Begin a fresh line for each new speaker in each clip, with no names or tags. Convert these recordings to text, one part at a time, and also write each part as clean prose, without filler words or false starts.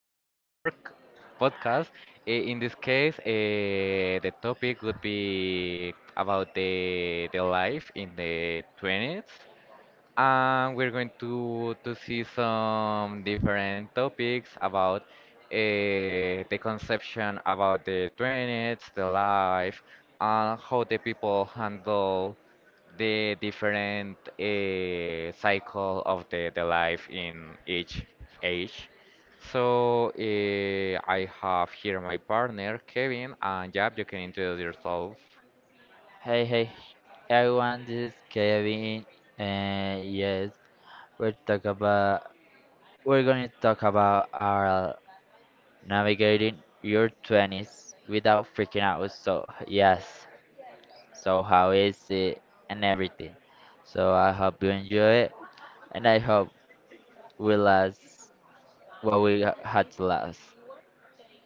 another pork podcast. In this case, the topic would be about the life in the 20s, and we're going to see some different topics about the conception about the 20s, the life, and how the people handle the different cycle of the life in each age. So I have here my partner Kevin, and Jab, you can introduce yourself.
Hey, hey, Hey, everyone, this is Kevin, and yes, we're talk about we're gonna talk about our navigating your twenties without freaking out. So yes, so how is it and everything. So I hope you enjoy it, and I hope we last what had to last.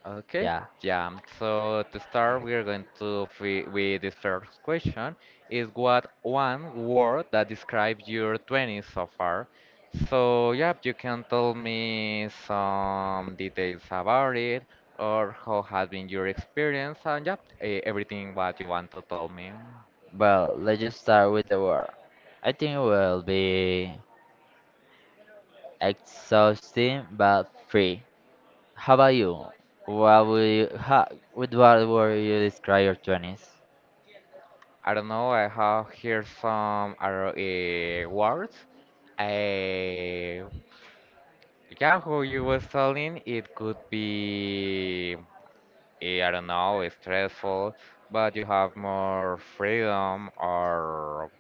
Okay,
Yeah,
yeah. So to start, we are going to free with this first question is what one word that describes your 20s so far? So yeah, you can tell me some details about it or how has been your experience and yeah, everything what you want to tell me.
but let's just start with the word. I think it will be exhausting but free. How about you? What would you, how, With what would you describe your 20s?
I don't know, I have here some other words. Eh, yeah, who you was telling, it could be. I don't know, it's stressful, but you have more freedom or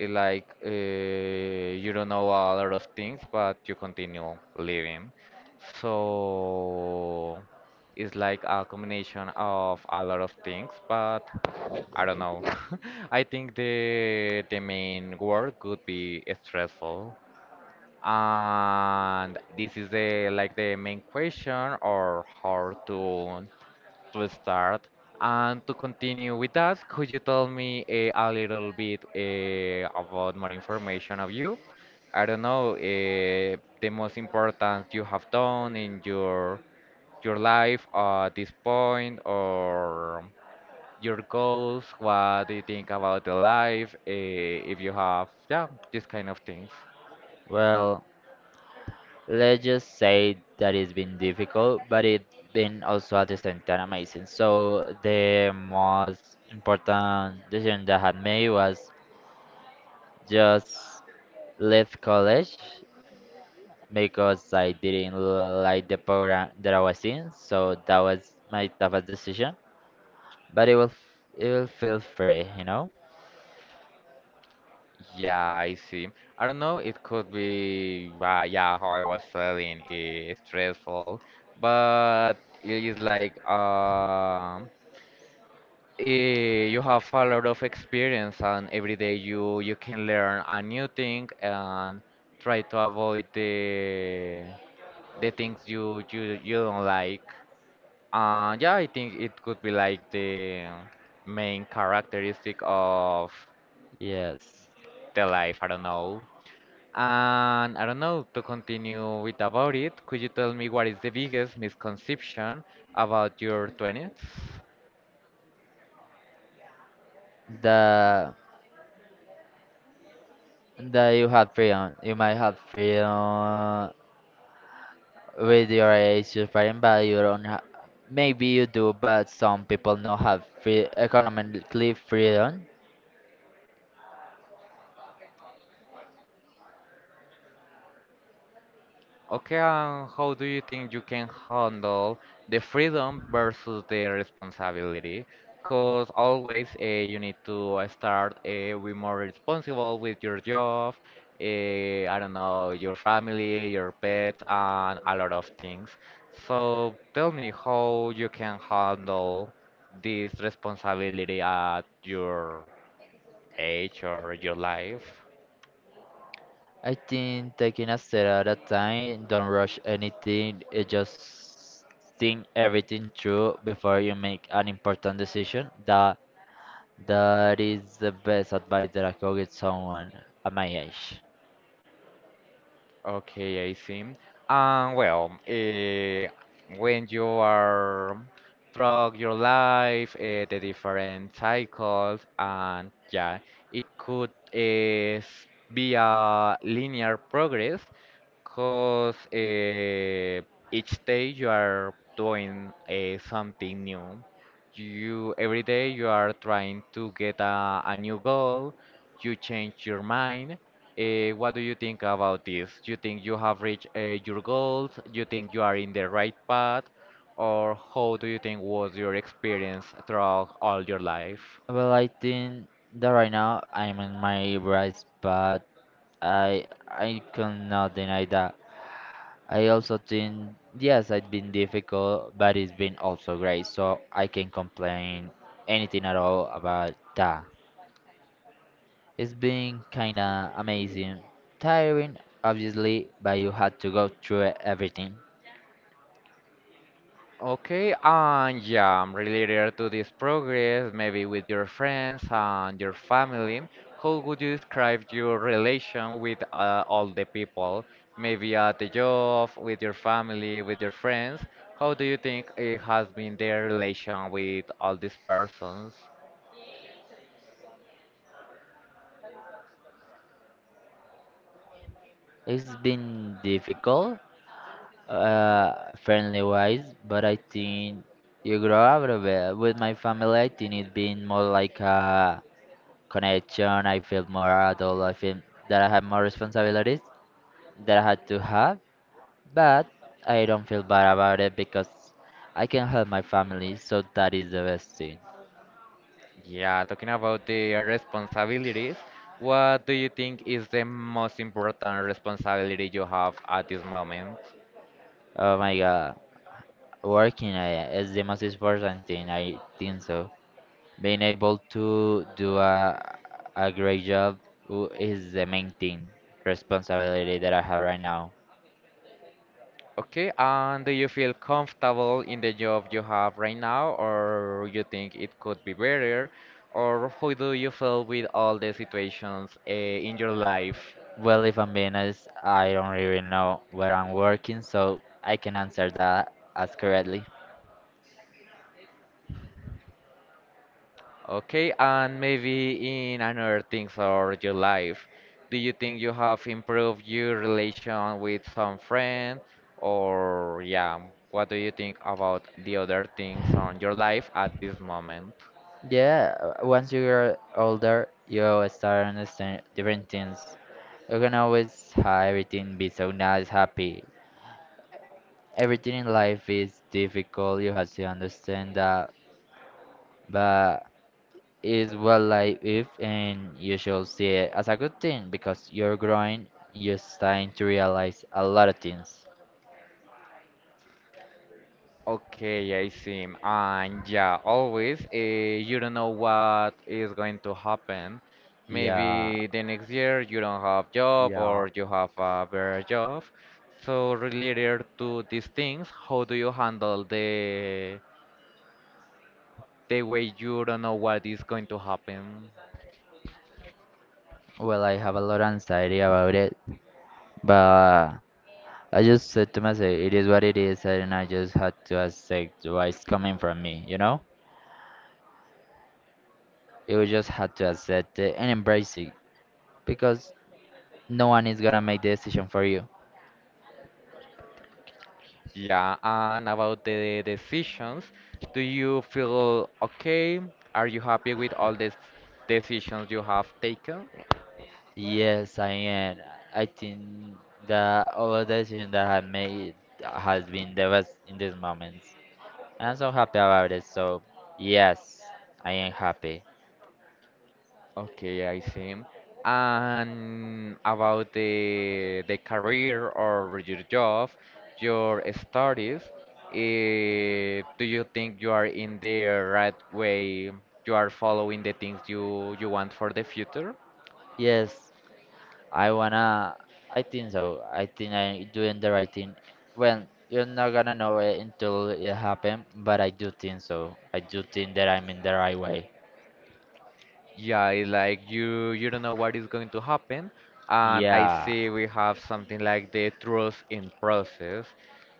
like you don't know a lot of things, but you continue living. So it's like a combination of a lot of things, but I don't know. I think the main word could be stressful. And this is the like the main question or how to start. And to continue with that, could you tell me a little bit about more information of you? I don't know, the most important you have done in your life at this point, or your goals, what do you think about the life, if you have, yeah, these kind of things.
Well, let's just say that it's been difficult, but it's been also at the same time amazing. So the most important decision that I had made was just leave college because I didn't like the program that I was in. So that was my toughest decision, but it will feel free, you know?
Yeah, I see. I don't know, it could be, yeah, how I was saying, stressful, but it is like you have a lot of experience, and every day you can learn a new thing and try to avoid the things you don't like. Yeah, I think it could be like the main characteristic of
Yes.
the life. I don't know. And I don't know, to continue with about it, could you tell me what is the biggest misconception about your 20s?
The That you had freedom. You might have freedom with your age, your freedom, but you don't have. Maybe you do, but some people not have free economically freedom.
Okay, and how do you think you can handle the freedom versus the responsibility? Because always you need to start be more responsible with your job, I don't know, your family, your pets, and a lot of things. So tell me how you can handle this responsibility at your age or your life.
I think taking a step at a time, don't rush anything. It just think everything through before you make an important decision. That is the best advice that I could give someone at my age.
Okay, I see. Well, when you are throughout your life, the different cycles, and yeah, it could be a linear progress because each day you are doing something new. You every day you are trying to get a new goal. You change your mind. What do you think about this? Do you think you have reached your goals? Do you think you are in the right path? Or how do you think was your experience throughout all your life?
Well, I think that right now I'm in my right spot. I cannot deny that. I also think yes, it's been difficult, but it's been also great, so I can complain anything at all about that. It's been kinda amazing, tiring obviously, but you had to go through everything.
Okay, and yeah, related to this progress, maybe with your friends and your family, how would you describe your relation with all the people? Maybe at the job, with your family, with your friends. How do you think it has been their relation with all these persons?
It's been difficult, friendly wise, but I think you grow out of it. With my family, I think it's been more like a connection. I feel more adult. I feel that I have more responsibilities that I had to have, but I don't feel bad about it because I can help my family. So that is the best thing.
Yeah, talking about the responsibilities, what do you think is the most important responsibility you have at this moment?
Oh my God, working is the most important thing. I think so. Being able to do a great job is the main thing responsibility that I have right now.
Okay, and do you feel comfortable in the job you have right now, or you think it could be better, or how do you feel with all the situations in your life?
Well, if I'm being honest, I don't really know where I'm working, so I can answer that as correctly.
Okay, and maybe in another things or your life, do you think you have improved your relation with some friend, or yeah, what do you think about the other things on your life at this moment?
Yeah, once you are older, you'll start understand different things. You can always have everything be so nice, happy. Everything in life is difficult, you have to understand that, but it's what life is, and you should see it as a good thing because you're growing, you're starting to realize a lot of things.
Okay, I see. And yeah, always, you don't know what is going to happen.
Yeah,
Maybe the next year you don't have job
yeah.
or you have a better job. So related to these things, how do you handle the way you don't know what is going to happen?
Well, I have a lot of anxiety about it, but I just said to myself, it is what it is, and I just had to accept what's coming from me, you know? You just had to accept it and embrace it because no one is gonna make the decision for you.
Yeah, and about the decisions, do you feel okay? Are you happy with all the decisions you have taken?
Yes, I am. I think that all the decision that I made has been the best in these moments. And I'm so happy about it, so yes, I am happy.
Okay, I see. And about the career or your job, your studies, do you think you are in the right way? You are following the things you want for the future?
Yes, I wanna. I think so. I think I doing the right thing. Well, you're not gonna know it until it happen, but I do think so. I do think that I'm in the right way.
Yeah, it's like you don't know what is going to happen, and I
Yeah.
see we have something like the trust in process.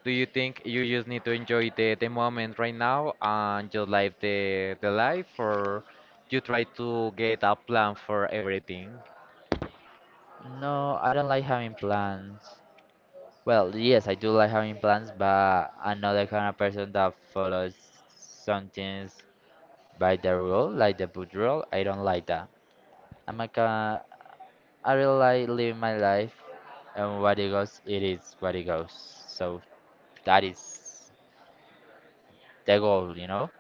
Do you think you just need to enjoy the moment right now and just live the life, or you try to get a plan for everything?
No, I don't like having plans. Well, yes, I do like having plans, but I'm not the kind of person that follows some things by the rule, like the book rule. I don't like that. I'm like, I really like living my life, and what it goes, it is what it goes. So that is the goal, you know?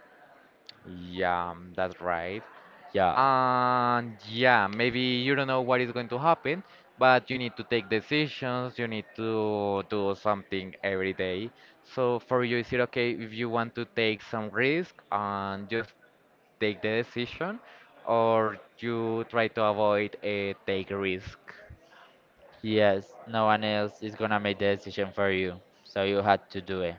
Yeah, that's right.
Yeah.
And yeah, maybe you don't know what is going to happen, but you need to take decisions, you need to do something every day. So for you, is it okay if you want to take some risk and just take the decision, or you try to avoid a take risk?
Yes, no one else is gonna make the decision for you. So you had to do it.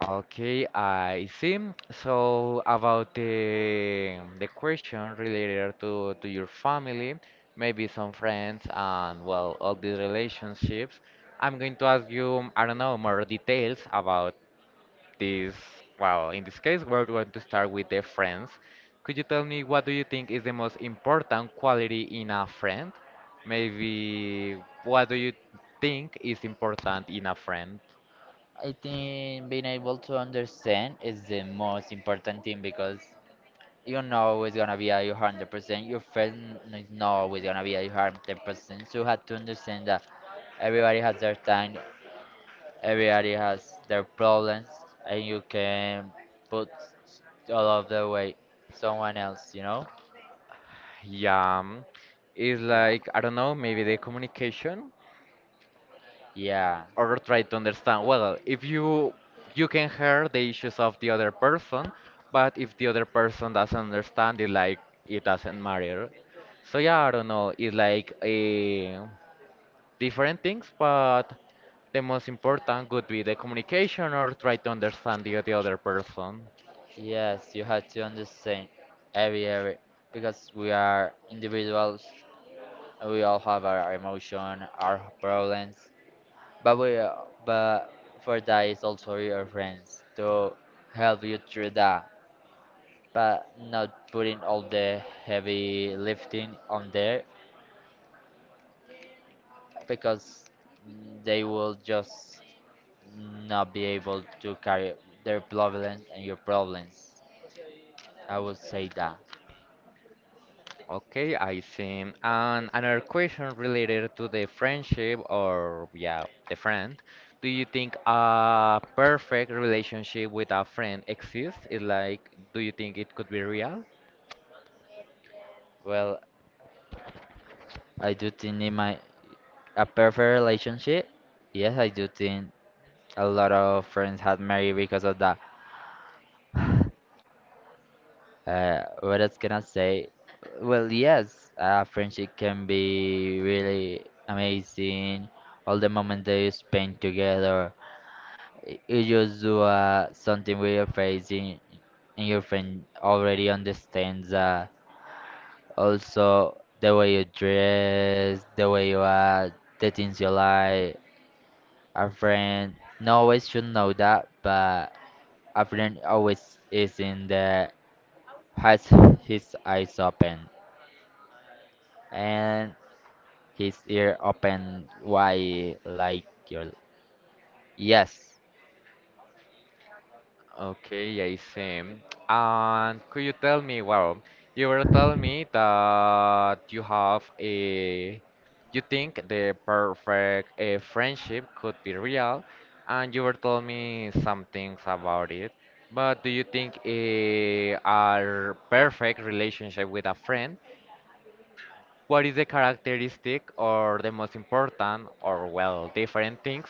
Okay, I see. So about the question related to your family, maybe some friends and well, all these relationships, I'm going to ask you, I don't know, more details about this. Well, in this case, we're going to start with the friends. Could you tell me what do you think is the most important quality in a friend? Maybe what do you think is important in a friend?
I think being able to understand is the most important thing because you're not always gonna be at your 100%. Your friend is not always gonna be at your 100%. So you have to understand that everybody has their time, everybody has their problems, and you can put all of the weight someone else. You know?
Yeah, it's like I don't know, maybe the communication
Yeah.
or try to understand. Well, if you can hear the issues of the other person, but if the other person doesn't understand it, like it doesn't matter. So yeah, I don't know. It's like different things, but the most important would be the communication or try to understand the other person.
Yes, you have to understand every area because we are individuals. We all have our emotion, our problems, but we but for that is also your friends to help you through that. But not putting all the heavy lifting on there because they will just not be able to carry their problems and your problems. I would say that.
Okay, I see. And another question related to the friendship or yeah, the friend. Do you think a perfect relationship with a friend exists? Is like, do you think it could be real?
Well, I do think in my A perfect relationship? Yes, I do think a lot of friends had married because of that. What else can I say? Well, yes, friendship can be really amazing. All the moments that you spend together, you just do something with your face, and your friend already understands that. Also, the way you dress, the way you act, the things you like. A friend not always should know that, but a friend always is in the has his eyes open and his ear open wide like your yes.
Okay, I see. And could you tell me, well, you were telling me that you have a, you think the perfect a friendship could be real, and you were telling me some things about it. But do you think a perfect relationship with a friend, what is the characteristic or the most important or well, different things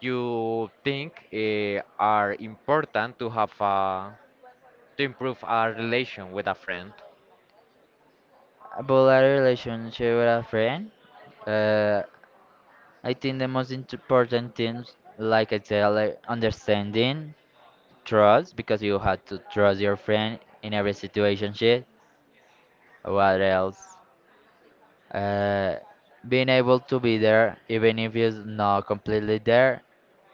you think are important to have a to improve our relation with a friend.
About a relationship with a friend, uh, I think the most important things, like I said, like understanding, trust, because you have to trust your friend in every situation. Shit. What else? Uh, Being able to be there, even if you're not completely there,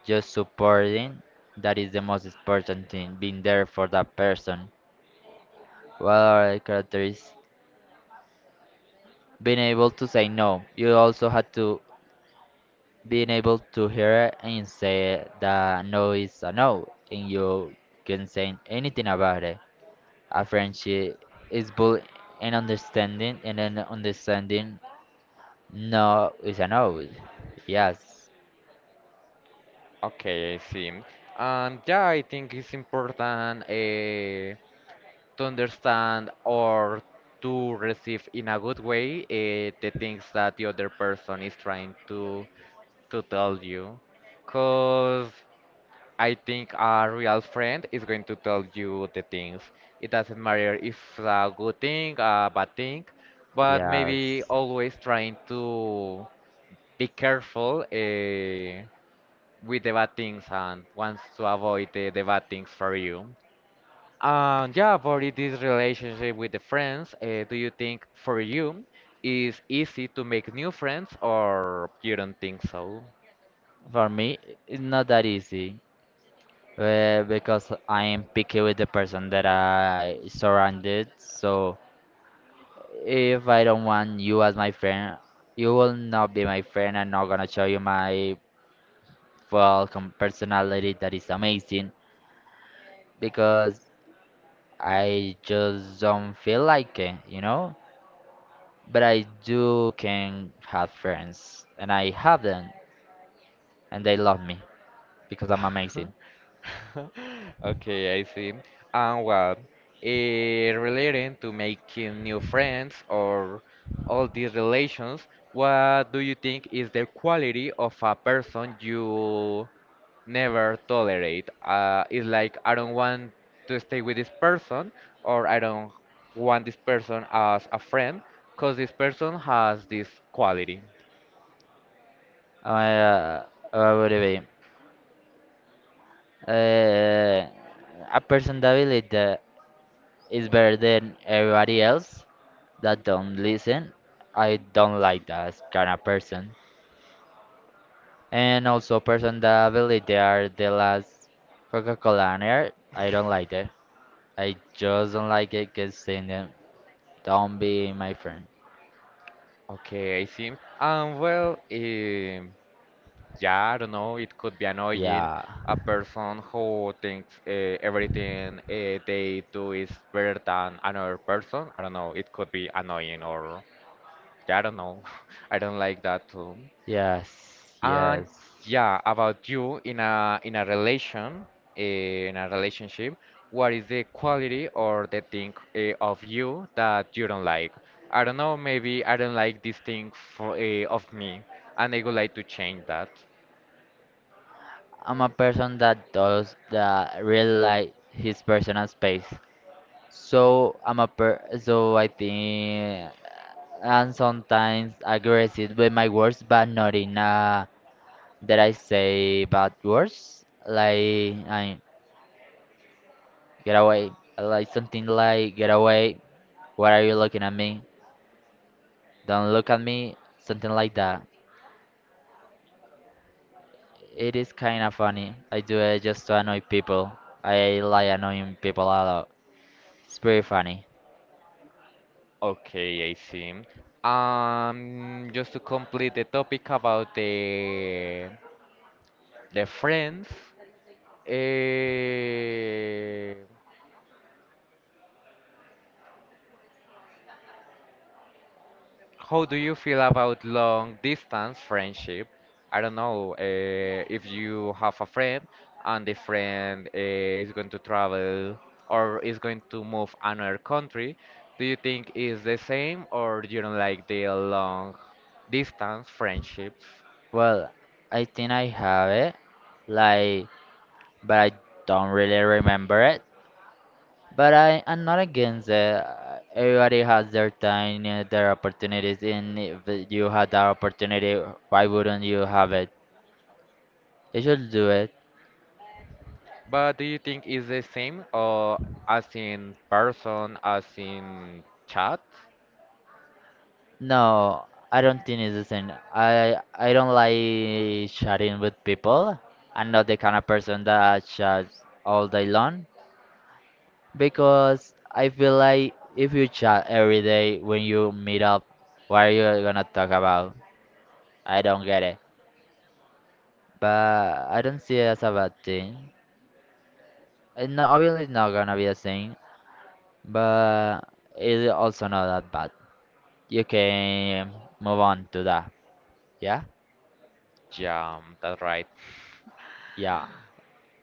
just supporting, that is the most important thing, being there for that person. What are the characteristics? Being able to say no. You also have to being able to hear it and say that no is a no, and you can say anything about it. A friendship is built in understanding, and then understanding no is a no. Yes,
Okay, I see. And yeah, I think it's important to understand or to receive in a good way the things that the other person is trying to tell you. Cause I think a real friend is going to tell you the things. It doesn't matter if it's a good thing, a bad thing, but maybe
yes.
always trying to be careful. With the bad things and wants to avoid the bad things for you. And yeah, about this relationship with the friends, do you think for you is easy to make new friends or you don't think so?
For me, it's not that easy because I am picky with the person that I surrounded. So if I don't want you as my friend, you will not be my friend. I'm not gonna show you my personality that is amazing because I just don't feel like it, you know. But I do can have friends, and I have them, and they love me because I'm amazing.
Okay, I see. And well, relating to making new friends or all these relations, what do you think is the quality of a person you never tolerate. It's like I don't want to stay with this person, or I don't want this person as a friend, because this person has this quality.
Uh, uh, what would it be? uh, a personality that is better than everybody else that don't listen. I don't like that kind of person. And also person that believe they are the last Coca-Cola on earth. I don't like that. I just don't like it because saying them don't be my friend.
Okay, I see. Well, yeah, I don't know. It could be annoying.
Yeah.
A person who thinks everything they do is better than another person. I don't know. It could be annoying, or yeah, I don't know. I don't like that too.
Yes.
And
Yes.
yeah, about you in a relation, in a relationship, what is the quality or the thing of you that you don't like? I don't know, maybe I don't like this thing for of me, and I would like to change that.
I'm a person that does that really like his personal space. So I'm a per so I think I'm sometimes aggressive with my words, but not in a that I say bad words. Like I get away, like something like get away. What are you looking at me? Don't look at me. Something like that. It is kind of funny. I do it just to annoy people. I like annoying people a lot. It's pretty funny.
Okay, I see. Just to complete the topic about the friends, uh, how do you feel about long distance friendship? I don't know, if you have a friend and the friend is going to travel or is going to move another country, do you think is the same or you don't like the long distance friendships?
Well, I think I have it. Like but I don't really remember it. I'm not against it. Everybody has their time and their opportunities, and if you had that opportunity, why wouldn't you have it? You should do it.
But do you think is the same or as in person, as in chat?
No, I don't think it's the same. I don't like chatting with people. I'm not the kind of person that chats all day long because I feel like if you chat every day when you meet up, what are you gonna talk about? I don't get it. But I don't see it as a bad thing. And no, obviously, it's not gonna be the same, but it's also not that bad. You can move on to that. Yeah,
Yeah, that's right.
yeah,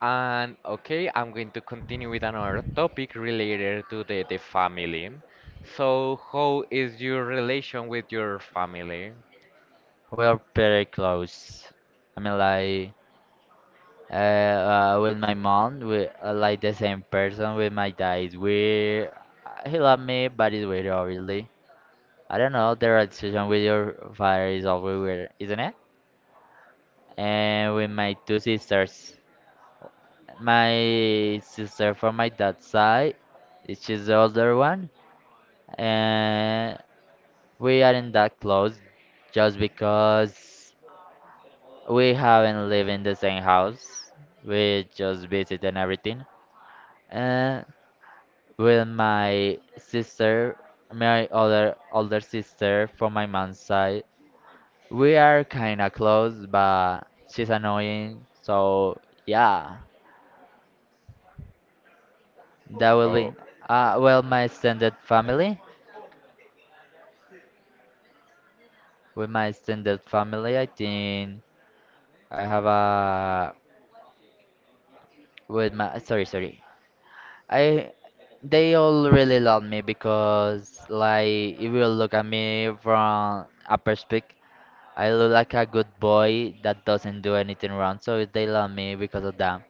And okay, I'm going to continue with another topic related to the family. So, how is your relation with your family?
we're pretty close. I mean, like, with my mom, we like the same person. With my dad, is weird. He love me, but it's weird, obviously. I don't know. The relationship with your father is always weird, isn't it? And with my two sisters. My sister from my dad's side, she's the older one, and we aren't that close just because we haven't lived in the same house. We just visit and everything. And with my sister, my other older sister from my mom's side, we are kinda close, but she's annoying. So yeah, that will be.
Oh,
Well, my extended family. With my extended family, I think I have a with my sorry, sorry. I They all really love me because like if you look at me from a perspective, I look like a good boy that doesn't do anything wrong, so they love me because of that.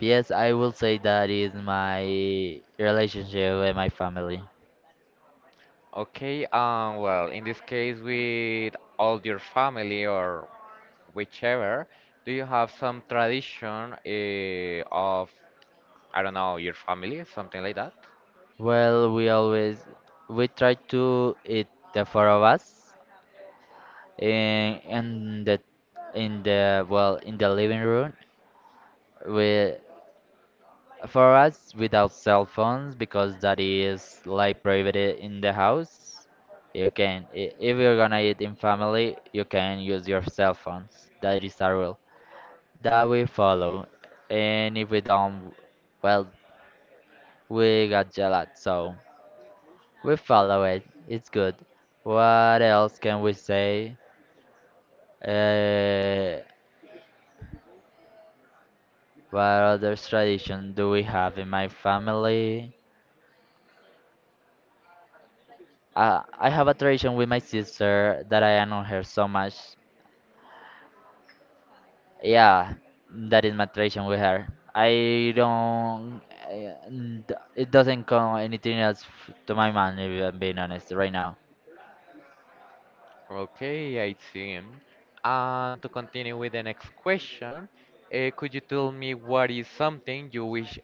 Yes, I will say that is my relationship with my family.
okay. Well, in this case, with all your family or whichever, do you have some tradition I don't know, your family, something like that?
Well, we try to eat the four of us. In the in the, in the living room, with, for us, without cell phones, because that is like private in the house. You can if you're gonna eat in family, you can use your cell phones. That is a rule that we follow. And if we don't, well, we got jealous, so we follow it. It's good. What else can we say? uh, What other tradition do we have in my family? I have a tradition with my sister that I admire her so much. Yeah, that is my tradition with her. I don't. It doesn't come anything else to my mind, if I'm being honest, right now.
Okay, I see. And to continue with the next question, could you tell me what is something you wish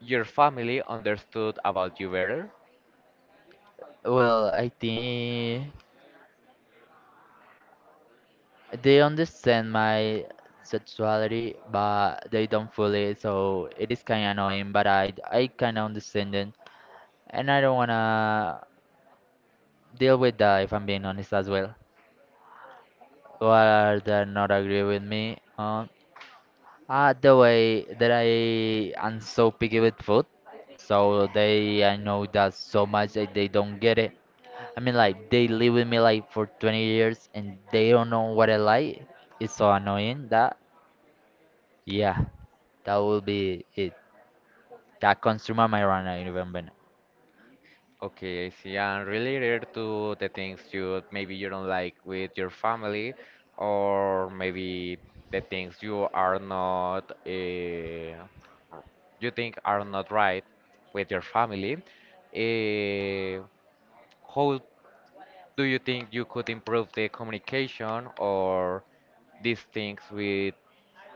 your family understood about you better?
Well, I think they understand my sexuality, but they don't fully, so it is kind of annoying, but I kind of understand it. And I don't wanna deal with that if I'm being honest as well. Or they not agree with me on the way that I am so picky with food. So they, I know that so much that they don't get it. I mean, like, they live with me like for 20 years and they don't know what I like. It's so annoying that, yeah, that will be it. That consumer my runner, now, remember.
Okay, I see. And related to the things you maybe you don't like with your family, or maybe the things you are not you think are not right with your family, eh, how do you think you could improve the communication or these things with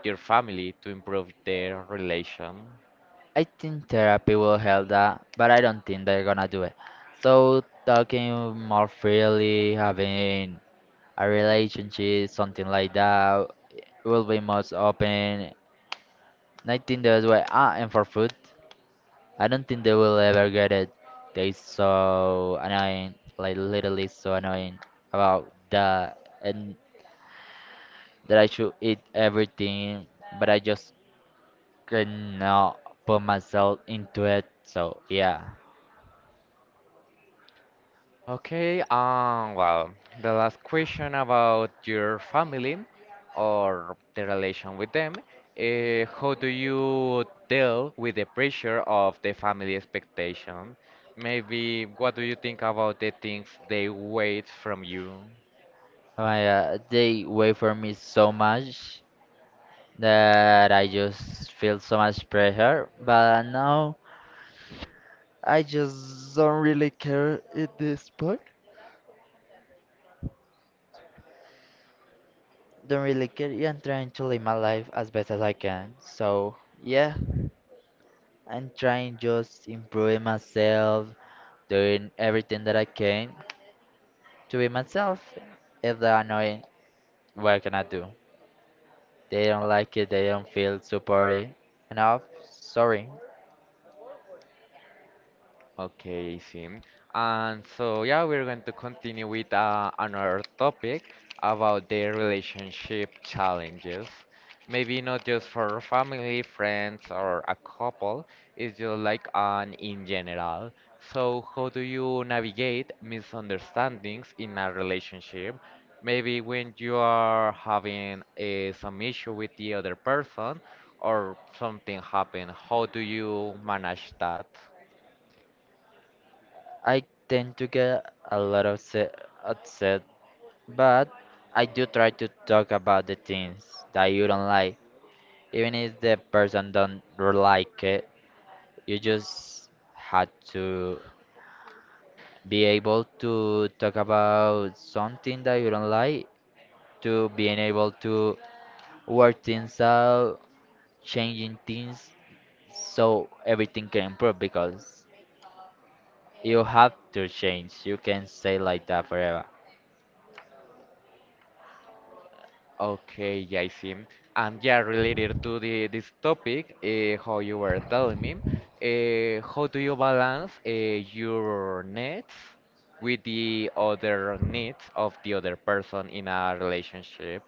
your family to improve their relation?
I think therapy will help that, but I don't think they're gonna do it. So talking more freely, having a relationship, something like that, will be most open. I think that's why. Ah, and for food, I don't think they will ever get it. They so annoying, like literally so annoying about that, and that I should eat everything, but I just cannot put myself into it. So yeah.
Okay, well, the last question about your family or the relation with them. How do you deal with the pressure of the family expectation? Maybe what do you think about the things they wait from you?
Oh my God, they wait for me so much that I just feel so much pressure. But now I just don't really care at this point. Don't really care. Yeah, I'm trying to live my life as best as I can. So yeah, I'm trying just improving myself, doing everything that I can to be myself. If they're annoying, what can I do? They don't like it. They don't feel supported enough. Sorry.
Okay, Sim. And so, yeah, we're going to continue with another topic about the relationship challenges. Maybe not just for family, friends, or a couple, it's just like an in general. So, how do you navigate misunderstandings in a relationship? Maybe when you are having some issue with the other person or something happened, how do you manage that?
I tend to get a lot of upset, but I do try to talk about the things that you don't like, even if the person don't like it. You just had to be able to talk about something that you don't like, to being able to work things out, changing things, so everything can improve because you have to change. You can stay like that forever.
Okay, yeah, I see. And yeah, related to the this topic, how you were telling me, how do you balance your needs with the other needs of the other person in a relationship?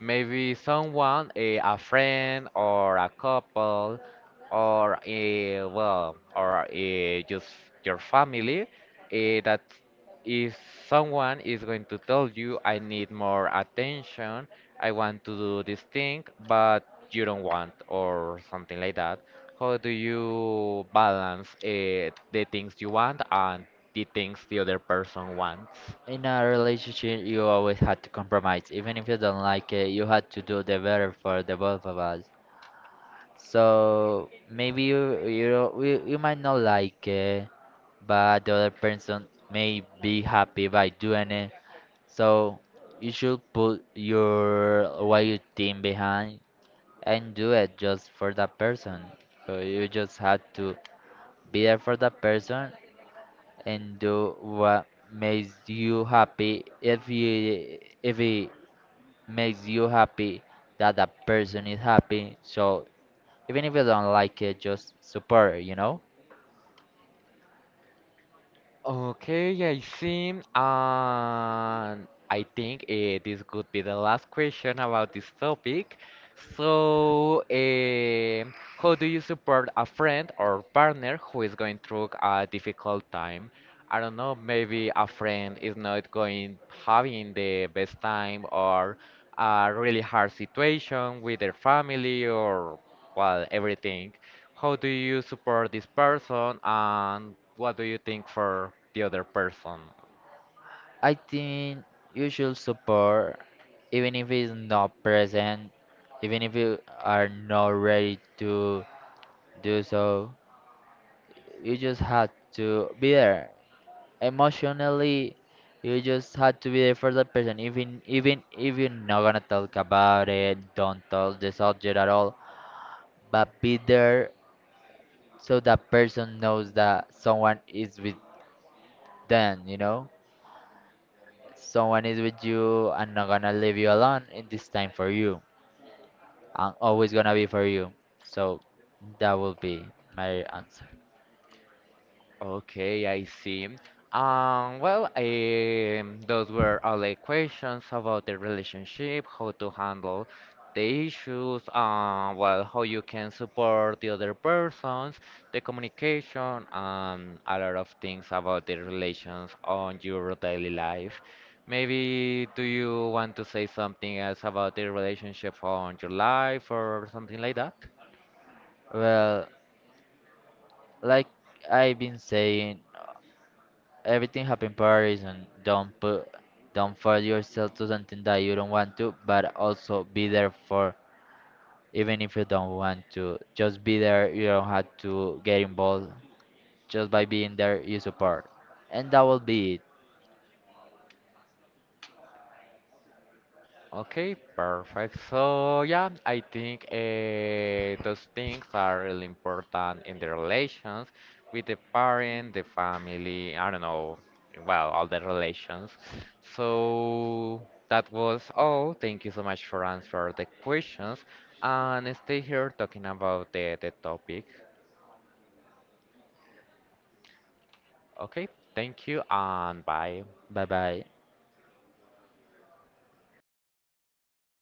Maybe someone, a friend or a couple, or well, or just your family, that if someone is going to tell you, I need more attention I want to do this thing, but you don't want, or something like that. How do you balance the things you want and the things the other person wants?
In a relationship, you always have to compromise. Even if you don't like it, you have to do the better for the both of us. So maybe you might not like it, but the other person may be happy by doing it. So you should put your what you think behind and do it just for that person. So you just have to be there for that person and do what makes you happy. If you, if he makes you happy, that person is happy. So even if you don't like it, just support it, you know?
Okay, I see. And I think this could be the last question about this topic. So, how do you support a friend or partner who is going through a difficult time? I don't know, maybe a friend is not going having the best time or a really hard situation with their family or well, everything how do you support this person and what do you think for the other person
I think you should support even if it's not present, even if you are not ready to do so. You just have to be there. Emotionally, you just have to be there for that person. Even if you're not gonna talk about it, don't touch the subject at all. But be there so that person knows that someone is with them, you know? Someone is with you and not gonna leave you alone in this time for you. I'm always gonna be for you. So that will be my answer.
Okay, I see. Well, those were all the questions about the relationship, how to handle the issues, well, how you can support the other persons, the communication, and a lot of things about the relations on your daily life. Maybe do you want to say something else about the relationship on your life or something like that?
Well, like I've been saying, everything happen for a reason. Don't put, don't force yourself to something that you don't want to, but also be there for even if you don't want to. Just be there. You don't have to get involved, just by being there you support. And that will be it.
Okay, perfect. So yeah, I think those things are really important in the relations with the parent, the family, I don't know, well, all the relations. So that was all. Thank you so much for answering the questions and stay here talking about the topic. Okay, thank you and bye.
Bye bye.